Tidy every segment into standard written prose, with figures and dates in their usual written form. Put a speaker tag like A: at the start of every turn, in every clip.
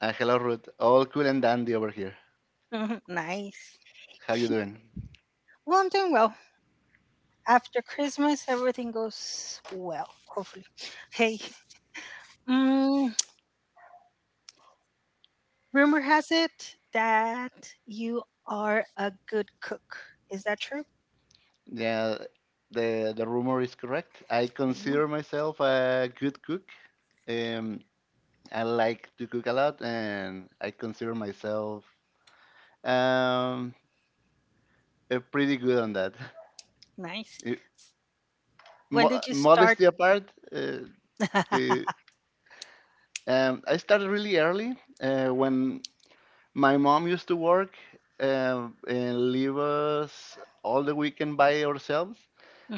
A: Hello, Ruth. All cool and dandy over here.
B: Nice.
A: How you doing?
B: Well, I'm doing well. After Christmas, everything goes well, hopefully. Hey, mm, rumor has it that you are a good cook. Is that true?
A: Yeah, the rumor is correct. I
B: Hey,
A: consider myself a good cook. Um, I like to cook a lot, and I consider myself um pretty good on that.
B: nice.
A: It-
B: When did you start
A: Modesty apart. uh, uh,
B: Mhm,
A: I started really early when my mom used to work and leave us all the weekend by ourselves.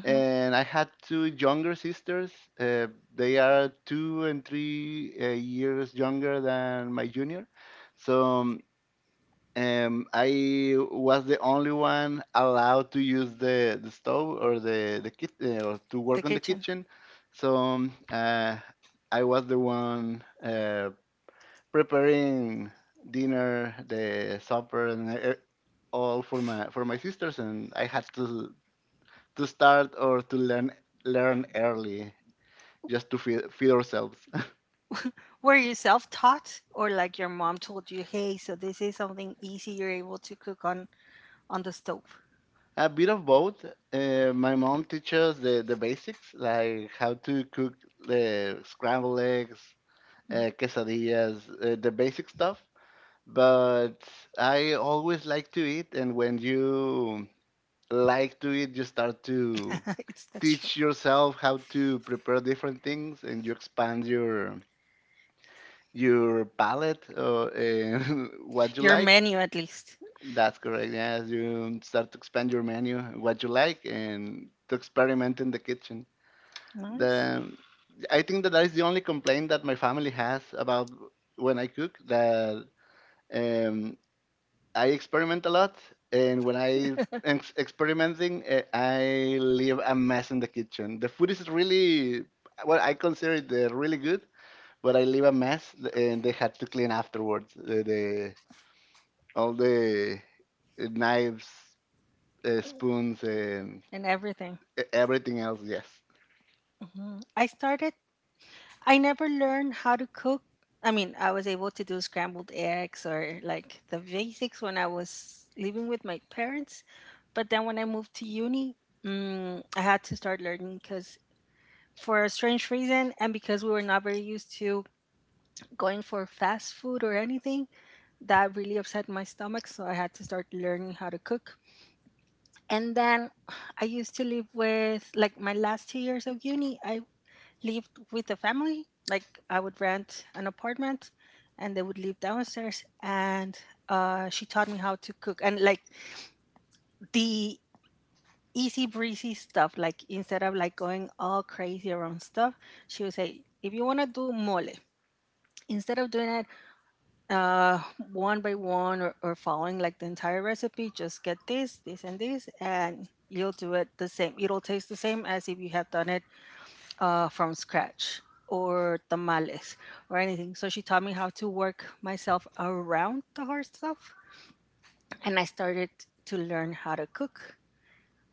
A: And I had two younger sisters. Uh, they are 2 and 3 years younger than my junior. So I was the only one allowed to use the stove or or to
B: the
A: work on the
B: kitchen?
A: kitchen. So I was the one preparing dinner, the supper, all for my sisters, and I had to start or to learn early just to feed ourselves.
B: Were you self taught, or like your mom told you, hey, so this is something easy you're able to cook on the stove?
A: A bit of both. My mom teaches the basics like how to cook the scrambled eggs,
B: Mm.
A: quesadillas, the basic stuff. But I always like to eat, and when you like to eat, you start to
B: it's That's true.
A: teach yourself how to prepare different things and you expand your palate, and what you
B: Your
A: like.
B: menu, at least.
A: That's correct. Yeah, as you start to expand your menu, what you like, and to experiment in the kitchen. The
B: Nice.
A: I think that that is the only complaint that my family has about when I cook. That um, I experiment a lot, and when I am experimenting, I leave a mess in the kitchen. The food is really, well, I consider it really good, but I leave a mess, and they had to clean afterwards. The All the, knives, spoons, and
B: And everything.
A: everything else. Yes.
B: Mhm. I never learned how to cook. I mean, I was able to do scrambled eggs or like the basics when I was living with my parents. But then when I moved to uni, I had to start learning because for a strange reason and because we were not very used to going for fast food or anything, that really upset my stomach. So I had to start learning how to cook. And then I used to live with, like, my last 2 years of uni, I lived with the family. Like I would rent an apartment and they would live downstairs and she taught me how to cook and like the easy breezy stuff, like instead of like going all crazy around stuff she would say, if you want to do mole instead of doing it, uh, one by one or following like the entire recipe, just get this, this, and this, and you'll do it the same. It'll taste the same as if you have done it from scratch, or tamales, or anything. So she taught me how to work myself around the hard stuff, and I started to learn how to cook.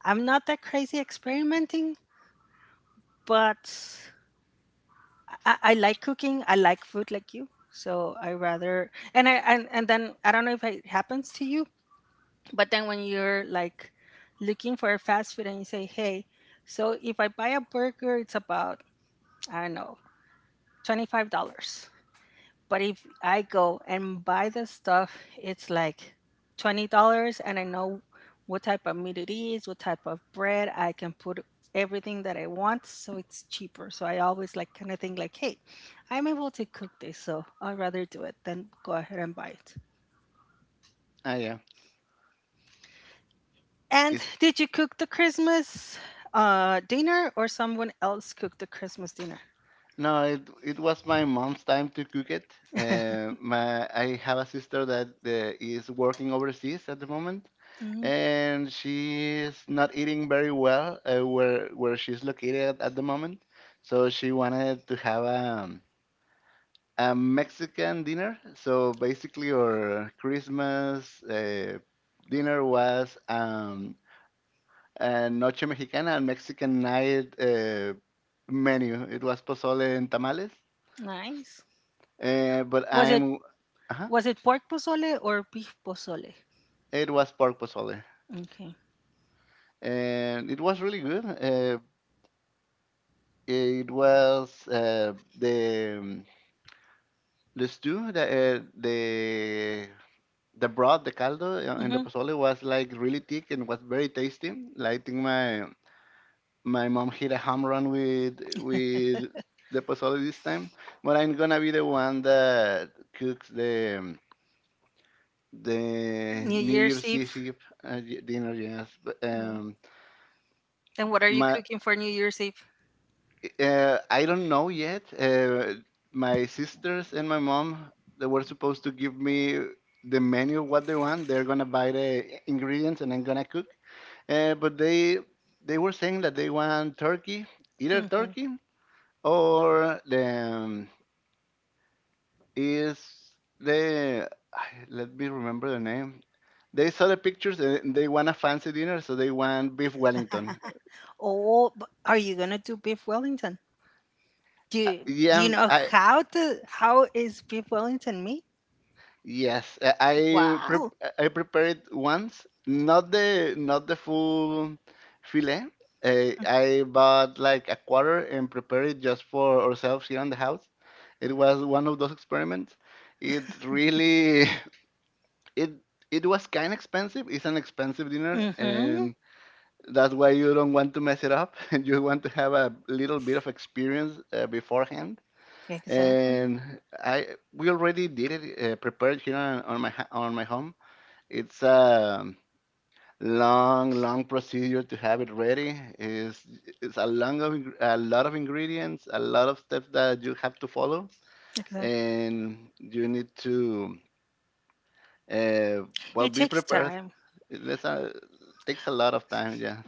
B: I'm not that crazy experimenting, but I like cooking. I like food like you. So I rather, and then I don't know if it happens to you, but then when you're like looking for a fast food and you say, hey, so if I buy a burger it's about, I don't know, $25. But if I go and buy the stuff, it's like $20, and I know what type of meat it is, what type of bread. I can put everything that I want, so it's cheaper. So I always like kind of think like, hey, I'm able to cook this, so I'd rather do it than go ahead and buy it.
A: Ah, yeah.
B: And
A: It,
B: did you cook the Christmas dinner, or someone else cooked the Christmas dinner?
A: no, it was my mom's time to cook it. My I have a sister that is working overseas at the moment,
B: Mm,
A: and she's not eating very well where she's located at the moment. So she wanted to have a Mexican dinner. So basically, our Christmas dinner was, and noche mexicana and Mexican night menu. It was pozole and tamales.
B: nice.
A: But
B: Was it,
A: uh
B: was it pork pozole or beef pozole?
A: it was pork pozole,
B: Okay.
A: and it was really good. It was the stew, the broth, the caldo, and the
B: Mhm.
A: pozole was like really thick and was very tasty. Like I think my mom hit a home run with the pozole this time, but I'm gonna be the one that cooks the
B: New
A: New
B: Year's
A: Year's
B: Eve.
A: Eve dinner. Yes, but
B: Mm. And what are you
A: my
B: cooking for New Year's Eve?
A: I don't know yet. My sisters and my mom, they were supposed to give me the menu what they want. They're gonna buy the ingredients and I'm gonna cook. But they were saying that they want turkey, either
B: Hmm.
A: turkey or the, is the let me remember the name. They saw the pictures and they want a fancy dinner, so they want beef Wellington.
B: Oh, but are you gonna do beef Wellington? Do you, do
A: Yeah,
B: you know
A: I
B: how to, how is beef Wellington made?
A: yes,
B: Wow.
A: I prepared it once, not the full fillet. I bought like a quarter and prepared it just for ourselves here in the house. It was one of those experiments. It really it it was kind of expensive. It's an expensive dinner, and
B: Mm-hmm.
A: that's why you don't want to mess it up. You want to have a little bit of experience beforehand.
B: Exactly.
A: And I we already did it, prepared here on my home. It's a long, long procedure to have it ready. Is It's a a lot of ingredients, a lot of steps that you have to follow,
B: Exactly.
A: and you need to, uh, well,
B: It
A: be
B: takes
A: prepared.
B: time.
A: That's a Takes a lot of time. Yeah.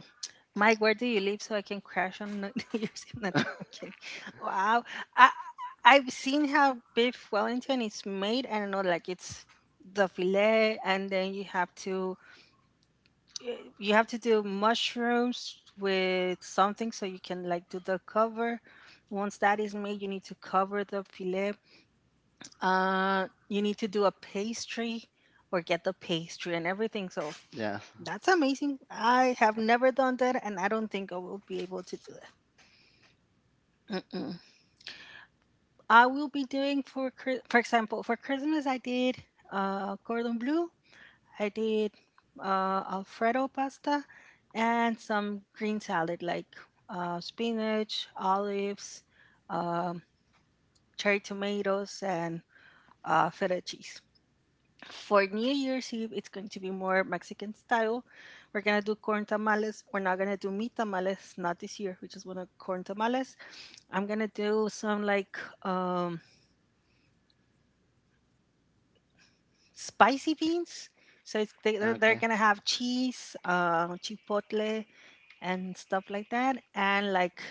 B: Mike, where do you live so I can crash on New New Year's Eve? Not I'm kidding. Wow. I I've seen how beef Wellington is made. I don't know, like it's the fillet, and then you have to you have to do mushrooms with something so you can like do the cover. Once that is made you need to cover the fillet. You need to do a pastry, or get the pastry, and everything. So
A: Yes.
B: that's amazing. I have never done that, and I don't think I will be able to do that. Mm-mm. I will be doing for for example, for Christmas I did cordon bleu. I did Alfredo pasta and some green salad, like spinach, olives, um, cherry tomatoes, and feta cheese. For New Year's Eve, it's going to be more Mexican style. We're gonna do corn tamales. We're not gonna do meat tamales, not this year. We just want to corn tamales. I'm gonna do some like spicy beans. So it's, they're
A: Okay.
B: gonna have cheese, chipotle, and stuff like that, and like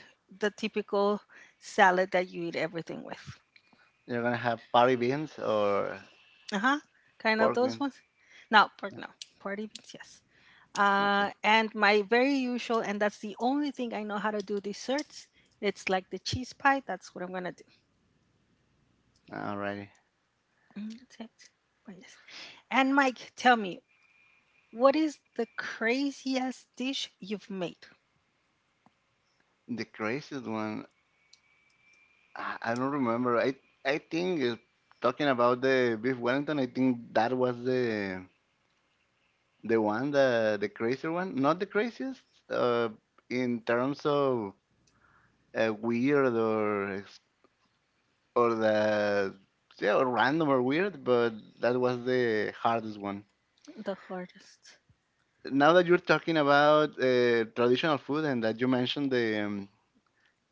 B: the typical salad that you eat everything with.
A: You're gonna have party beans or
B: Uh huh. Kind of
A: pork
B: those
A: beans?
B: ones. No, pork
A: Yeah.
B: no. Party beans, yes.
A: Okay.
B: And my very usual, and that's the only thing I know how to do desserts. It's like the cheese pie. That's what I'm gonna do.
A: Alrighty.
B: Mm, that's it. Oh, yes. And Mike, tell me, what is the craziest dish you've made?
A: The craziest one, I don't remember. I think talking about the beef Wellington, I think that was the crazier one. Not the craziest, uh, in terms of, weird or ex- or the yeah, or random or weird, but that was the hardest one
B: The hardest.
A: now that you're talking about traditional food and that you mentioned the,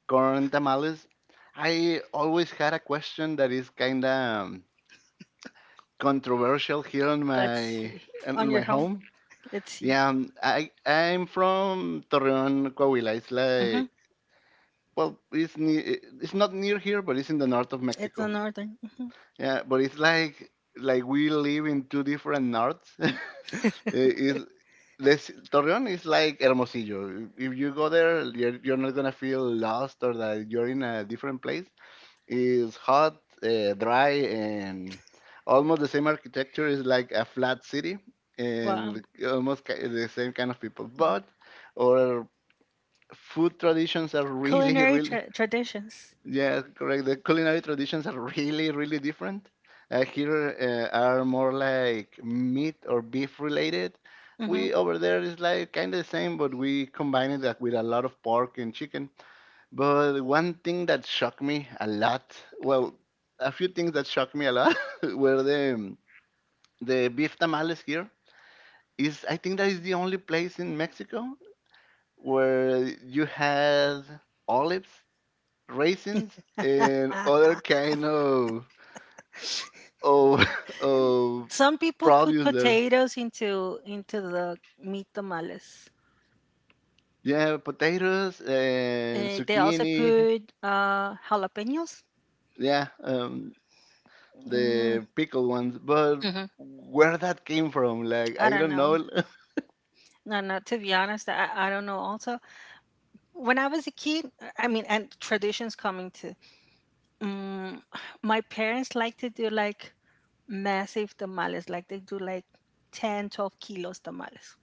A: corn tamales. I always had a question that is kind of controversial here on
B: Let's
A: my
B: see.
A: in
B: On
A: my
B: your home.
A: home.
B: Let's see.
A: Yeah, I'm from Torreon, Coahuila. It's
B: Mm-hmm.
A: like, well, it's not near here, but it's in the north of
B: It's a
A: Mexico.
B: northern.
A: Yeah, but it's like we live in two different norths. I- is This Torreon is like Hermosillo. If you go there, you're not gonna feel lost or that you're in a different place. Is hot, dry, and almost the same architecture is like a flat city, and
B: Wow.
A: almost the same kind of people. But our food traditions are really,
B: Culinary
A: really,
B: traditions.
A: yeah, correct. The culinary traditions are really, really different. Here are more like meat or beef related.
B: Mhm.
A: We over there is like kind of the same, but we combine it, like, with a lot of pork and chicken. But one thing that shocked me a lot, well, a few things that shocked me a lot, were the beef tamales here. Is I think that is the only place in Mexico where you had olives, raisins, and other kind of of
B: Some people put
A: produce there.
B: potatoes into the meat tamales.
A: Yeah, potatoes and
B: Eh, they also
A: zucchini.
B: put jalapenos.
A: Yeah,
B: Mm,
A: the pickled ones. But
B: mhm.
A: where that came from, like,
B: I
A: I
B: don't
A: don't
B: know.
A: know.
B: No, no. To be honest, I don't know. Also, when I was a kid, I mean, and traditions coming to. Mm, my parents like to do like massive tamales. Like they do like 10 12 kilos tamales.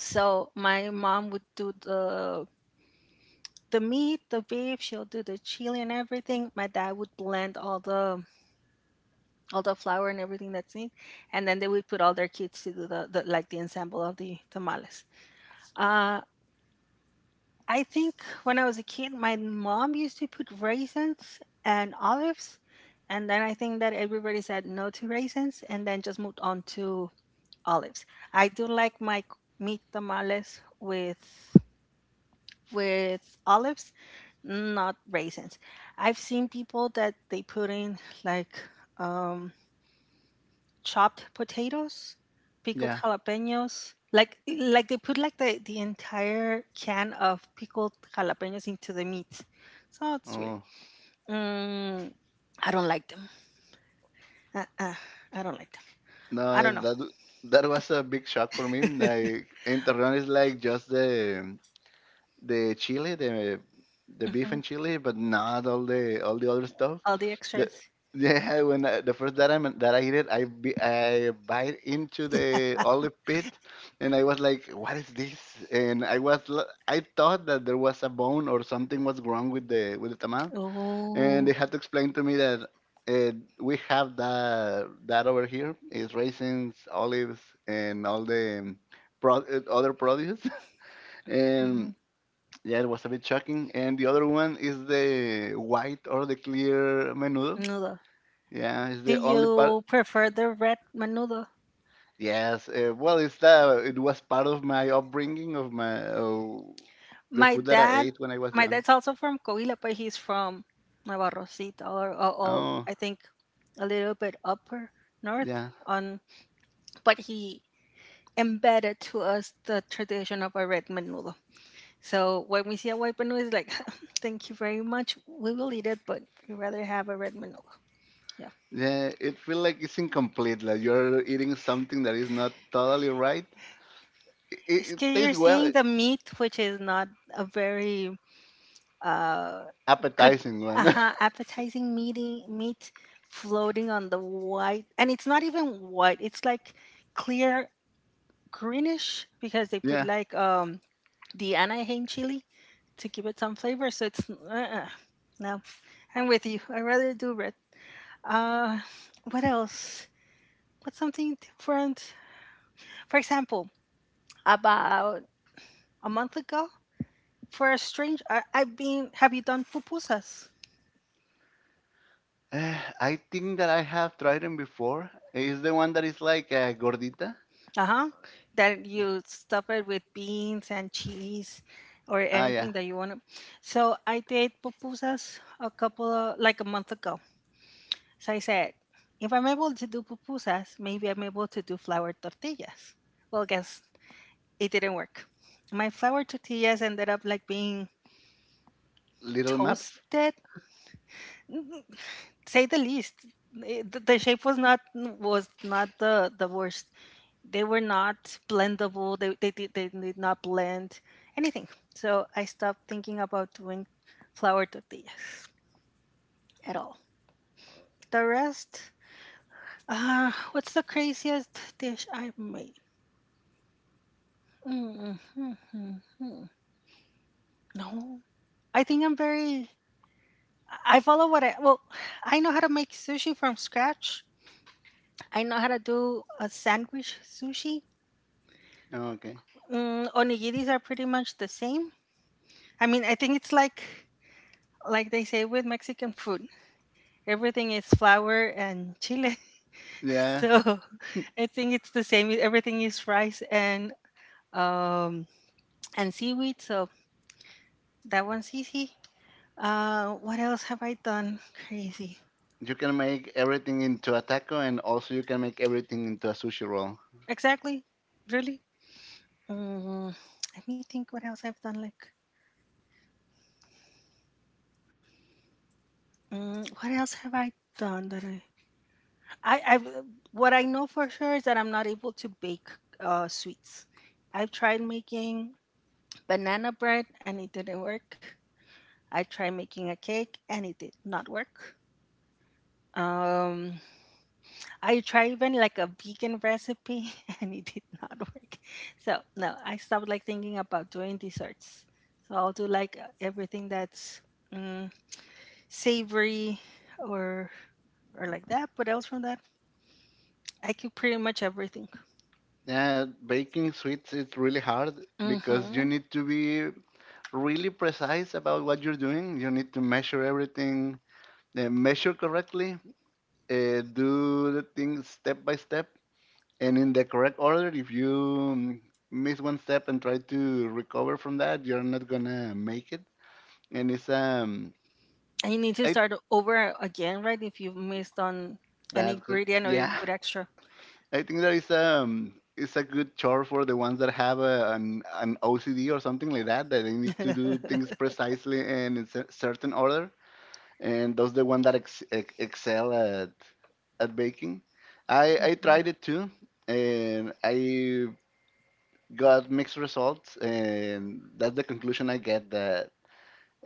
B: So my mom would do the meat, the beef. She'll do the chili and everything. My dad would blend all the flour and everything that's in, and then they would put all their kids to do the like the ensemble of the tamales. Uh, I think when I was a kid, my mom used to put raisins and olives, and then I think that everybody said no to raisins, and then just moved on to olives. I do like my meat tamales with olives. Mm, not raisins. I've seen people that they put in like um, chopped potatoes, pickled
A: Yeah.
B: jalapenos. Like, they put like the entire can of pickled jalapenos into the meat. So it's weird.
A: Oh,
B: Mm, I don't like them. Uh-uh, I don't like them. I
A: no,
B: don't know.
A: that was a big shock for me. Like enterrón is like just the chili, the beef and
B: Hmm.
A: chili, but not all the other stuff.
B: All the
A: The
B: extras.
A: yeah, when the first that I eat it, I bite into the olive pit, and I was like, "What is this?" And I thought that there was a bone or something was wrong with the tamal, and
B: Oh,
A: they had to explain to me that, uh, we have that, that over here is raisins, olives, and all the, other produce.
B: mhm.
A: and Yeah, it was a bit shocking. And the other one is the white or the clear menudo.
B: Menudo.
A: Yeah, it's
B: Do
A: the only part.
B: you prefer the red menudo?
A: Yes, well, it was part of my upbringing, of my, the
B: My
A: food that I
B: dad,
A: ate when I was
B: my
A: young.
B: dad's also from Coahuila, but he's from Navarrocito, or
A: Oh,
B: I think a little bit upper north.
A: yeah.
B: On, but he embedded to us the tradition of a red menudo. So when we see a white menudo, it's like, thank you very much. We will eat it, but we rather have a red menudo. Yeah.
A: Yeah, it feels like it's incomplete. Like, you're eating something that is not totally right. It,
B: It's
A: it
B: 'cause
A: tastes,
B: you're
A: well,
B: seeing the meat, which is not a very uh, good
A: appetizing one.
B: appetizing meaty meat floating on the white, and it's not even white, it's like clear greenish, because they put
A: Yeah.
B: like the anaheim chili to give it some flavor. So it's no, I'm with you, I rather do red. uh what else, what's something different? For example, about a month ago, for a strange I've been, have you done pupusas?
A: I think that I have tried them before. Is the one that is like a gordita?
B: Uh-huh. That you stuff it with beans and cheese or
A: Ah, yeah,
B: anything that you want to. So I did pupusas a couple of, like, a month ago. So I said, if I'm able to do pupusas, maybe I'm able to do flour tortillas. Well, guess it didn't work. My flour tortillas ended up like being
A: little maps.
B: toasted, say the least. Eh, the shape was not, the the worst. They were not blendable. They did not blend anything. So I stopped thinking about doing flour tortillas at all. The rest, what's the craziest dish I've made? Mm, mm, mm, mm. No, I think I'm very. I follow what I well. I know how to make sushi from scratch. I know how to do a sandwich sushi.
A: Okay.
B: Mm, onigiris are pretty much the same. I mean, I think it's like they say with Mexican food, everything is flour and chile.
A: Yeah,
B: So I think it's the same. Everything is rice um and seaweed. So that one's easy. What else have I done? Crazy.
A: you can make everything into a taco, and also you can make everything into a sushi roll.
B: Exactly. Really. Mm, let me think. What else I've done? Like, mm, what else have I done that I I've, uh, what I know for sure is that I'm not able to bake sweets. I've tried making banana bread and it didn't work. I tried making a cake and it did not work. Um, I tried even like a vegan recipe and it did not work. So no, I stopped like thinking about doing desserts. So I'll do like everything that's mm, savory, or or like that. But else from that, I cook pretty much everything.
A: Yeah, baking sweets is really hard because you
B: Mm-hmm.
A: need to be really precise about what you're doing. You need to measure everything, measure correctly, do the things step by step and in the correct order. If you miss one step and try to recover from that, you're not gonna make it. And it's,
B: And you need to
A: I
B: start over again, right? If you have missed on an
A: that's good.
B: ingredient or you
A: Yeah,
B: put extra.
A: I think that is, it's a good chore for the ones that have a, an OCD or something like that, that they need to do things precisely and in a certain order, and those the one that excel at baking. I
B: Mhm.
A: tried it too, and I got mixed results, and that's the conclusion I get, that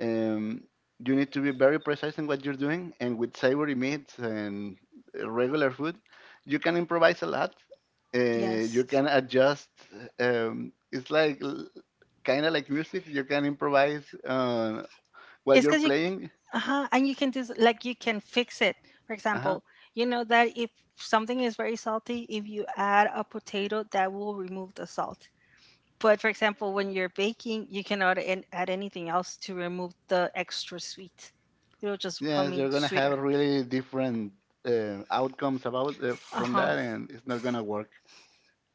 A: um, you need to be very precise in what you're doing, and with savory meats and regular food, you can improvise a lot. Uh, you
B: Yes.
A: can adjust. It's like, kind of like music. You can improvise while
B: It's
A: you're
B: because you,
A: playing.
B: and you can do like you can fix it. For
A: Uh-huh.
B: example, you know that if something is very salty, if you add a potato, that will remove the salt. But for example, when you're baking, you cannot add anything else to remove the extra sweet. It'll just come
A: Yes,
B: in
A: you're gonna
B: sweeter.
A: have really different outcomes about,
B: Uh
A: from
B: huh.
A: that, and it's not gonna work.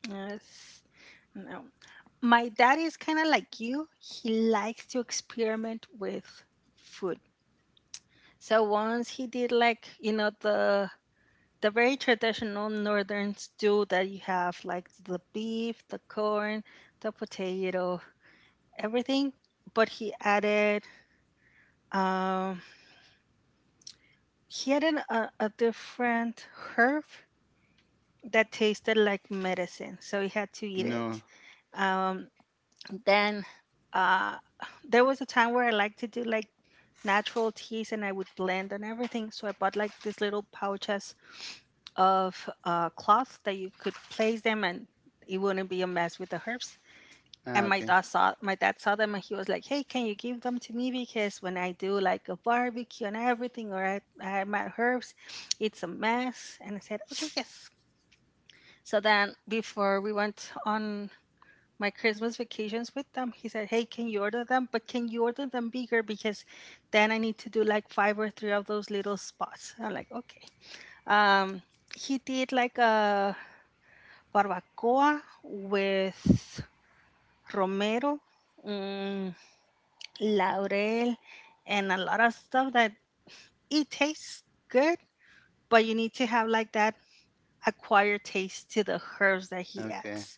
B: Yes. No. My dad is kind of like you. He likes to experiment with food. So once he did, like, you know the very traditional northern stew that you have, like the beef, the corn, the potato, everything. But um, he added a different herb that tasted like medicine, so he had to eat
A: No.
B: it. Um, then uh, there was a time where I liked to do like natural teas, and I would blend and everything. So I bought like this little pouch as of cloths that you could place them and it wouldn't be a mess with the herbs.
A: Ah,
B: And my
A: okay.
B: dad saw my dad saw them and he was like, "Hey, can you give them to me because when I do like a barbecue and everything, or I my herbs, it's a mess." And I said, "Okay, yes." So then before we went on my Christmas vacations with them, he said, "Hey, can you order them? But can you order them bigger because then I need to do like five or three of those little spots." I'm like, "Okay." Um, he did like a barbacoa with romero, mm, laurel, and a lot of stuff that it tastes good, but you need to have like that acquired taste to the herbs that he
A: Okay.
B: adds.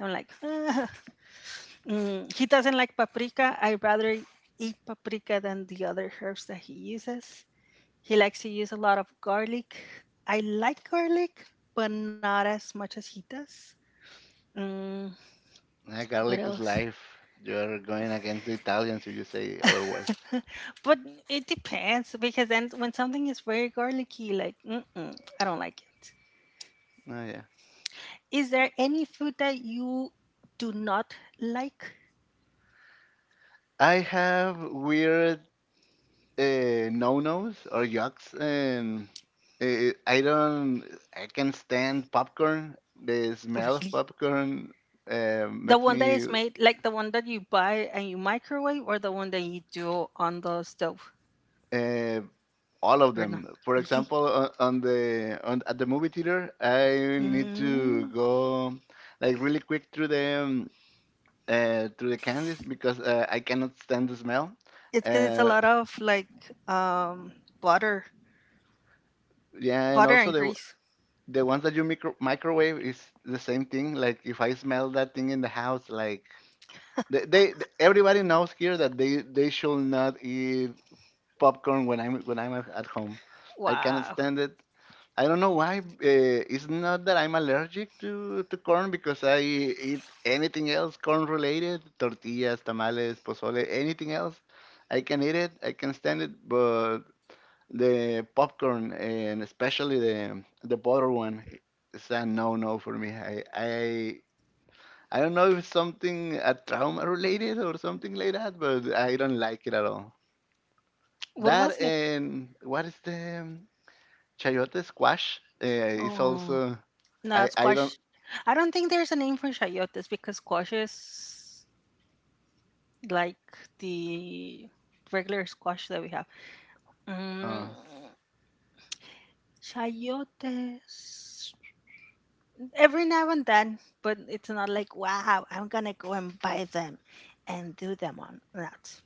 B: I'm like, "Ugh." He doesn't like paprika. I'd rather eat paprika than the other herbs that he uses. He likes to use a lot of garlic. I like garlic, but not as much as he does. Mm,
A: Yeah,
B: what
A: garlic is
B: else?
A: life. You're going against the Italians if you say otherwise.
B: But it depends because then when something is very garlicky, like mm-mm, I don't like it.
A: Oh, yeah.
B: Is there any food that you do not like?
A: I have weird, no-nos or yucks, and I don't. I can stand popcorn. The smell of
B: Really?
A: popcorn
B: The
A: makes
B: one that
A: me,
B: is made, like the one that you buy and you microwave, or the one that you do on the stove,
A: uh, all of
B: or not?
A: them. For
B: Really?
A: example, on at the movie theater, I need to
B: Mm.
A: go like really quick through the, through the candies because, I cannot stand the smell.
B: It's because it's a
A: Uh,
B: lot of like um butter,
A: yeah, and
B: butter
A: also
B: and
A: the
B: grease.
A: the ones that you microwave is the same thing. Like, if I smell that thing in the house, like, they everybody knows here that they should not eat popcorn when I'm at home. I cannot
B: Wow.
A: stand it. I don't know why. It's not that I'm allergic to corn because I eat anything else corn related, tortillas, tamales, pozole, anything else. I can eat it, I can stand it, but the popcorn and especially the butter one, it's a no no for me. I don't know if it's something a trauma related or something like that, but I don't like it at all.
B: What
A: That
B: was it?
A: and what is the chayote squash is
B: Oh.
A: also
B: No,
A: I don't—
B: squash. I don't think there's a name for chayotes because squash is like the regular squash that we have.
A: uh,
B: Mm, chayotes. Every now and then, but it's not like, wow, I'm going to go and buy them and do them on that.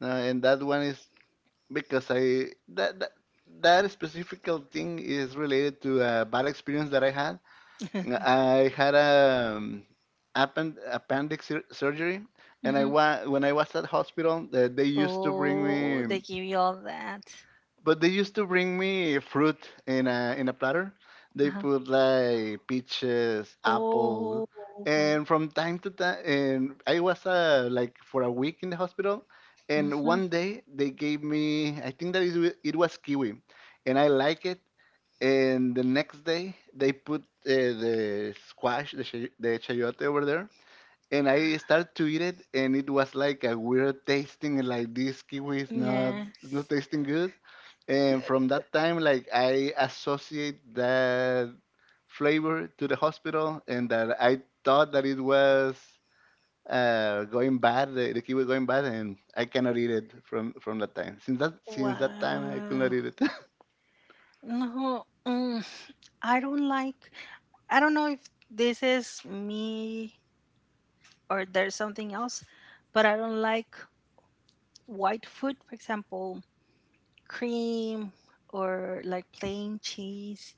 A: no, and that one is because that specific thing is related to a bad experience that I had. I had a appendix surgery, and
B: Hmm.
A: when I was at hospital, they used to bring
B: Oh, they
A: me.
B: give you all that.
A: But they used to bring me fruit in a platter. They
B: Uh-huh.
A: put like peaches, apple,
B: Oh, my.
A: and from time to time. And I was like for a week in the hospital. And
B: Hmm.
A: one day they gave me, I think that is it was kiwi, and I like it. And the next day they put the squash, the chayote over there, and I started to eat it, and it was like a weird tasting, like this kiwi is
B: Yes.
A: not tasting good. And from that time, like I associate that flavor to the hospital, and that I thought that it was going bad, the kiwi going bad, and I cannot eat it from that time. Since that time, I could not
B: Wow.
A: eat it.
B: No. Mm. I don't like I don't know if this is me or there's something else, but I don't like white food, for example, cream or like plain cheese,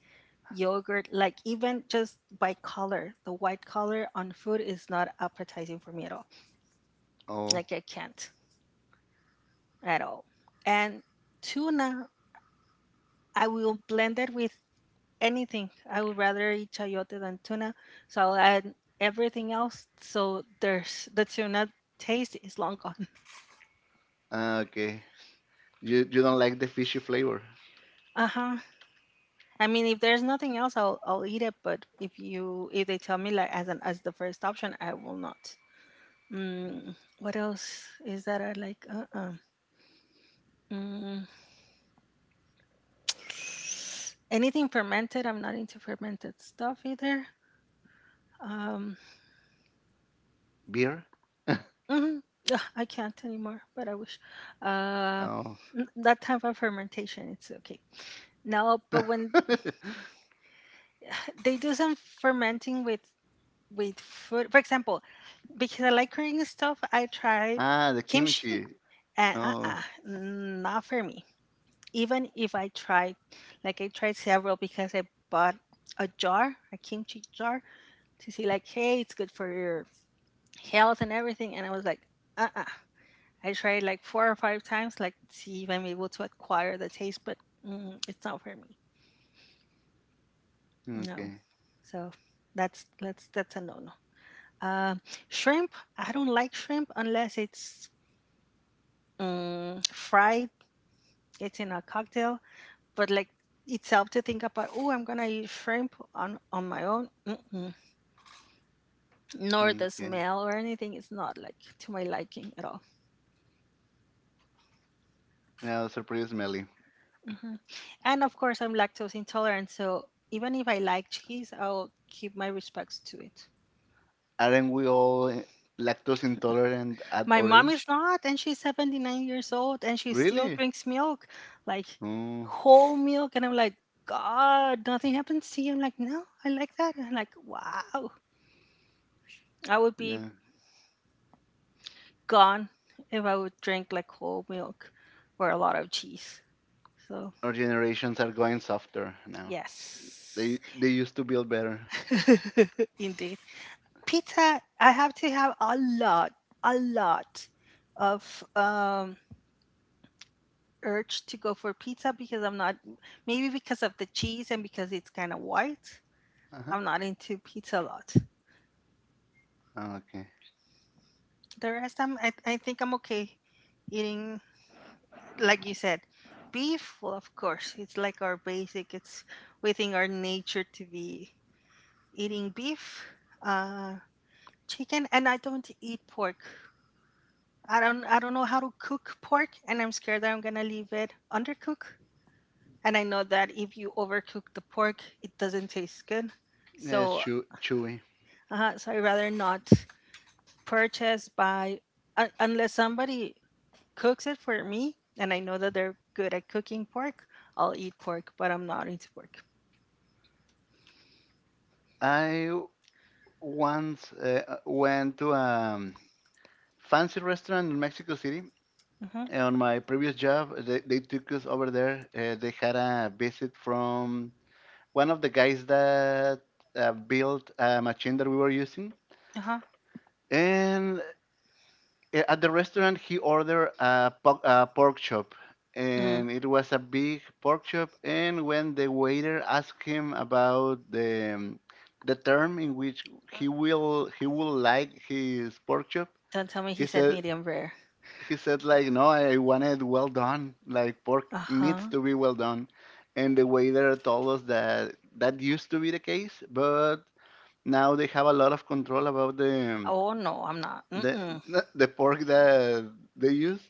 B: yogurt, like even just by color, the white color on food is not appetizing for me at all.
A: Oh,
B: Like I can't at all. And tuna, I will blend it with anything. I would rather eat chayote than tuna, so I'll add everything else. So there's the tuna taste is long gone.
A: ah, okay. You don't like the fishy flavor,
B: Uh huh. I mean, if there's nothing else, I'll eat it. But if they tell me like as the first option, I will not. What else is that I like? Mm, Anything fermented? I'm not into fermented stuff either. Um,
A: beer?
B: Mhm. Ugh, I can't anymore, but I wish. Uh,
A: Oh.
B: that time for fermentation, it's okay. No, but when they do some fermenting with food, for example, because I like Korean stuff, I tried
A: Ah, the
B: kimchi,
A: kimchi.
B: and
A: Oh,
B: not for me. Even if I tried, like I tried several because I bought a jar, a kimchi jar, to see like, hey, it's good for your health and everything, and I was like, uh uh I tried like four or five times, like to see if I'm able to acquire the taste, but it's not for me. No,
A: okay,
B: so that's a no no. Um, shrimp, I don't like shrimp unless it's fried. It's in a cocktail, but like itself to think about. Oh, I'm gonna eat shrimp on my own. Mm-mm. Nor the
A: okay.
B: smell or anything. It's not like to my liking at all.
A: Now, surprise, Melly.
B: Hmm. And of course, I'm lactose intolerant, so even if I like cheese, I'll keep my respects to it.
A: Aren't we all, eh, lactose intolerant at
B: My
A: our
B: mom is
A: age?
B: not, and she's 79 years old, and she still
A: Really?
B: drinks milk, like
A: Oh,
B: whole milk. And I'm like, God, nothing happens to you. I'm like, no, I like that. And I'm like, wow, I would be
A: yeah.
B: gone if I would drink like whole milk or a lot of cheese. So,
A: Our generations are going softer now. They
B: yes,
A: they used to build better.
B: indeed. Pizza, I have to have a lot of urge to go for pizza because I'm not, maybe because of the cheese and because it's kind of white.
A: Uh
B: I'm not into pizza a lot.
A: huh. Okay.
B: The rest, I think I'm okay eating, like you said, beef. Well, of course, it's like our basic, it's within our nature to be eating beef, uh, chicken, and I don't eat pork. I don't know how to cook pork and I'm scared that I'm going to leave it undercooked. And I know that if you overcook the pork, it doesn't taste good.
A: Yeah, it's
B: So,
A: chewy.
B: so I rather not purchase by unless somebody cooks it for me and I know that they're good at cooking pork, I'll eat pork, but I'm not into pork.
A: I once went to a fancy restaurant in Mexico City.
B: Mhm.
A: Eh, on my previous job, they took us over there. They had a visit from one of the guys that built a machine that we were using.
B: Uh-huh.
A: And at the restaurant, he ordered a, a pork chop.
B: Mm.
A: And it was a big pork chop. And when the waiter asked him about the term in which he
B: Mm.
A: will he will like his pork chop,
B: Don't tell me he
A: he
B: said
A: said
B: medium rare.
A: he said like, no, I want it well done. Like pork needs
B: Uh-huh.
A: to be well done, and the waiter told us that that used to be the case, but now they have a lot of control about
B: Oh no, I'm not.
A: the
B: Mm-mm.
A: the pork that they use,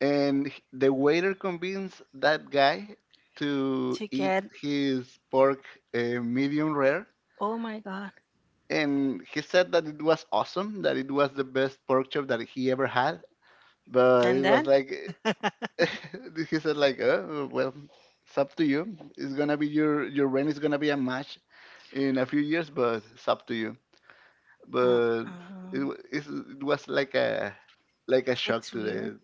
A: and the waiter convinced that guy to
B: To
A: eat
B: get.
A: his pork medium rare,
B: Oh my god.
A: and he said that it was awesome, that it was the best pork chop that he ever had, but it
B: And
A: was
B: then
A: like— he said like, oh, well, it's up to you. It's gonna be your rent is gonna be a match in a few years, but it's up to you.
B: uh
A: But
B: uh
A: it was like a shock
B: it's
A: to
B: weird.
A: the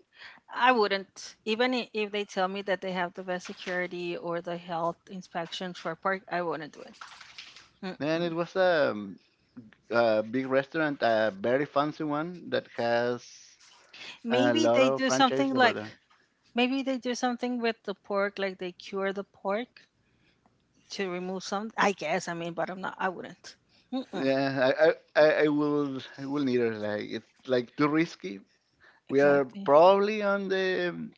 B: I wouldn't. Even if they tell me that they have the best security or the health inspections for park, I wouldn't do it.
A: man. It
B: Mm-mm.
A: was a big restaurant, a very fancy one that has a
B: Maybe
A: lot
B: they
A: of
B: do something
A: franchises over
B: like
A: there.
B: maybe they do something with the pork, like they cure the pork to remove some. I guess. I mean, but I'm not. I wouldn't. Mm-mm.
A: Yeah, I will neither. Like it's like too risky. We are
B: Exactly.
A: probably on the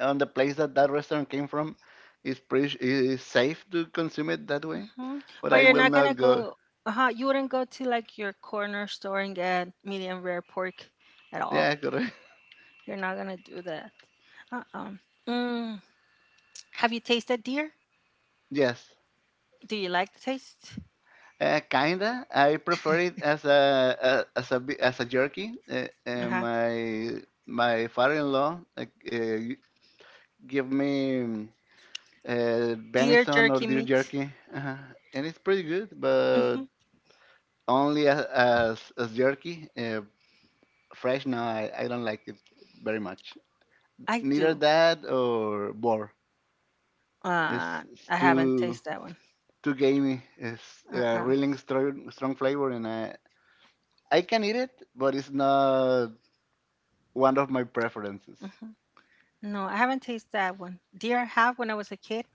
A: place that that restaurant came from. It's it is safe to consume it that way,
B: Hmm.
A: but
B: But
A: I
B: you're
A: will
B: not gonna
A: not go.
B: go. Uh-huh, you wouldn't go to like your corner store and get medium rare pork at
A: Yeah,
B: all.
A: correct.
B: You're not gonna do that. Uh-uh. Mm. Have you tasted deer?
A: Yes.
B: Do you like the taste?
A: Kinda. I prefer it as a, as a as a jerky.
B: Uh-huh.
A: My my father-in-law give me
B: Deer
A: venison or
B: jerky
A: deer
B: meat.
A: jerky, uh, and it's pretty good, but
B: Hmm.
A: only as as jerky. Fresh, no, I don't like it very much.
B: I
A: Neither
B: do.
A: that or boar. It's, it's
B: I haven't
A: too
B: tasted that one.
A: too gamey. It's a
B: Uh-uh.
A: really strong strong flavor, and I can eat it, but it's not one of my preferences.
B: Hmm. No, I haven't tasted that one. Deer I have when I was a kid.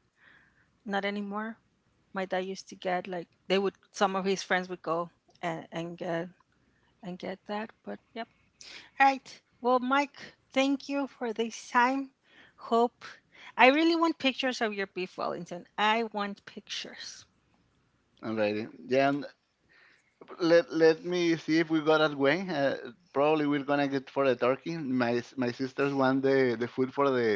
B: Not anymore. My dad used to get like they would. Some of his friends would go and get that. But yep. All right. Well, Mike, thank you for this time. Hope I really want pictures of your beef Wellington. I want pictures.
A: Alrighty. Yeah, and let me see if we got that way. Probably we're gonna get for the turkey. My my sisters want the food for the—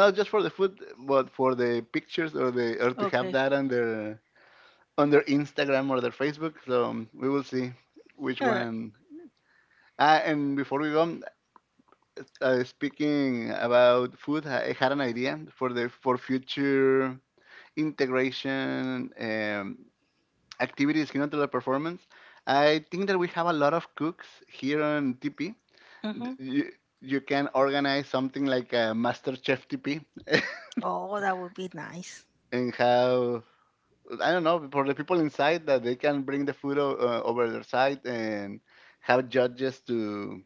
A: not just for the food, but for the pictures or the— or to have
B: Okay.
A: that on their Instagram or their Facebook. So we will see which
B: All right.
A: one. Ah, and before we go, speaking about food, I had an idea for the for future integration activities here on the performance. I think that we have a lot of cooks here on TP.
B: Mhm.
A: You, you can organize something like a Master Chef TP.
B: Oh, that would be nice.
A: And have— I don't know, for the people inside that they can bring the food over their side and have judges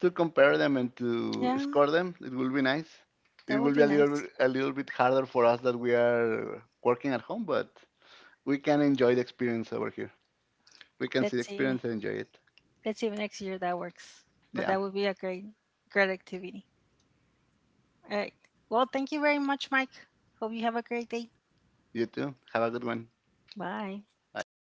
A: to compare them and to
B: Yeah,
A: score them. It will be nice.
B: that
A: It
B: would
A: will be
B: be nice.
A: a little bit harder for us that we are working at home, but we can enjoy the experience over here. We can see the
B: Let's see.
A: experience and enjoy it.
B: Let's see if next year that works. But
A: Yeah.
B: that would be a great, great activity. All right. Well, thank you very much, Mike. Hope you have a great day.
A: You too. Have a good one.
B: Bye.
A: Bye.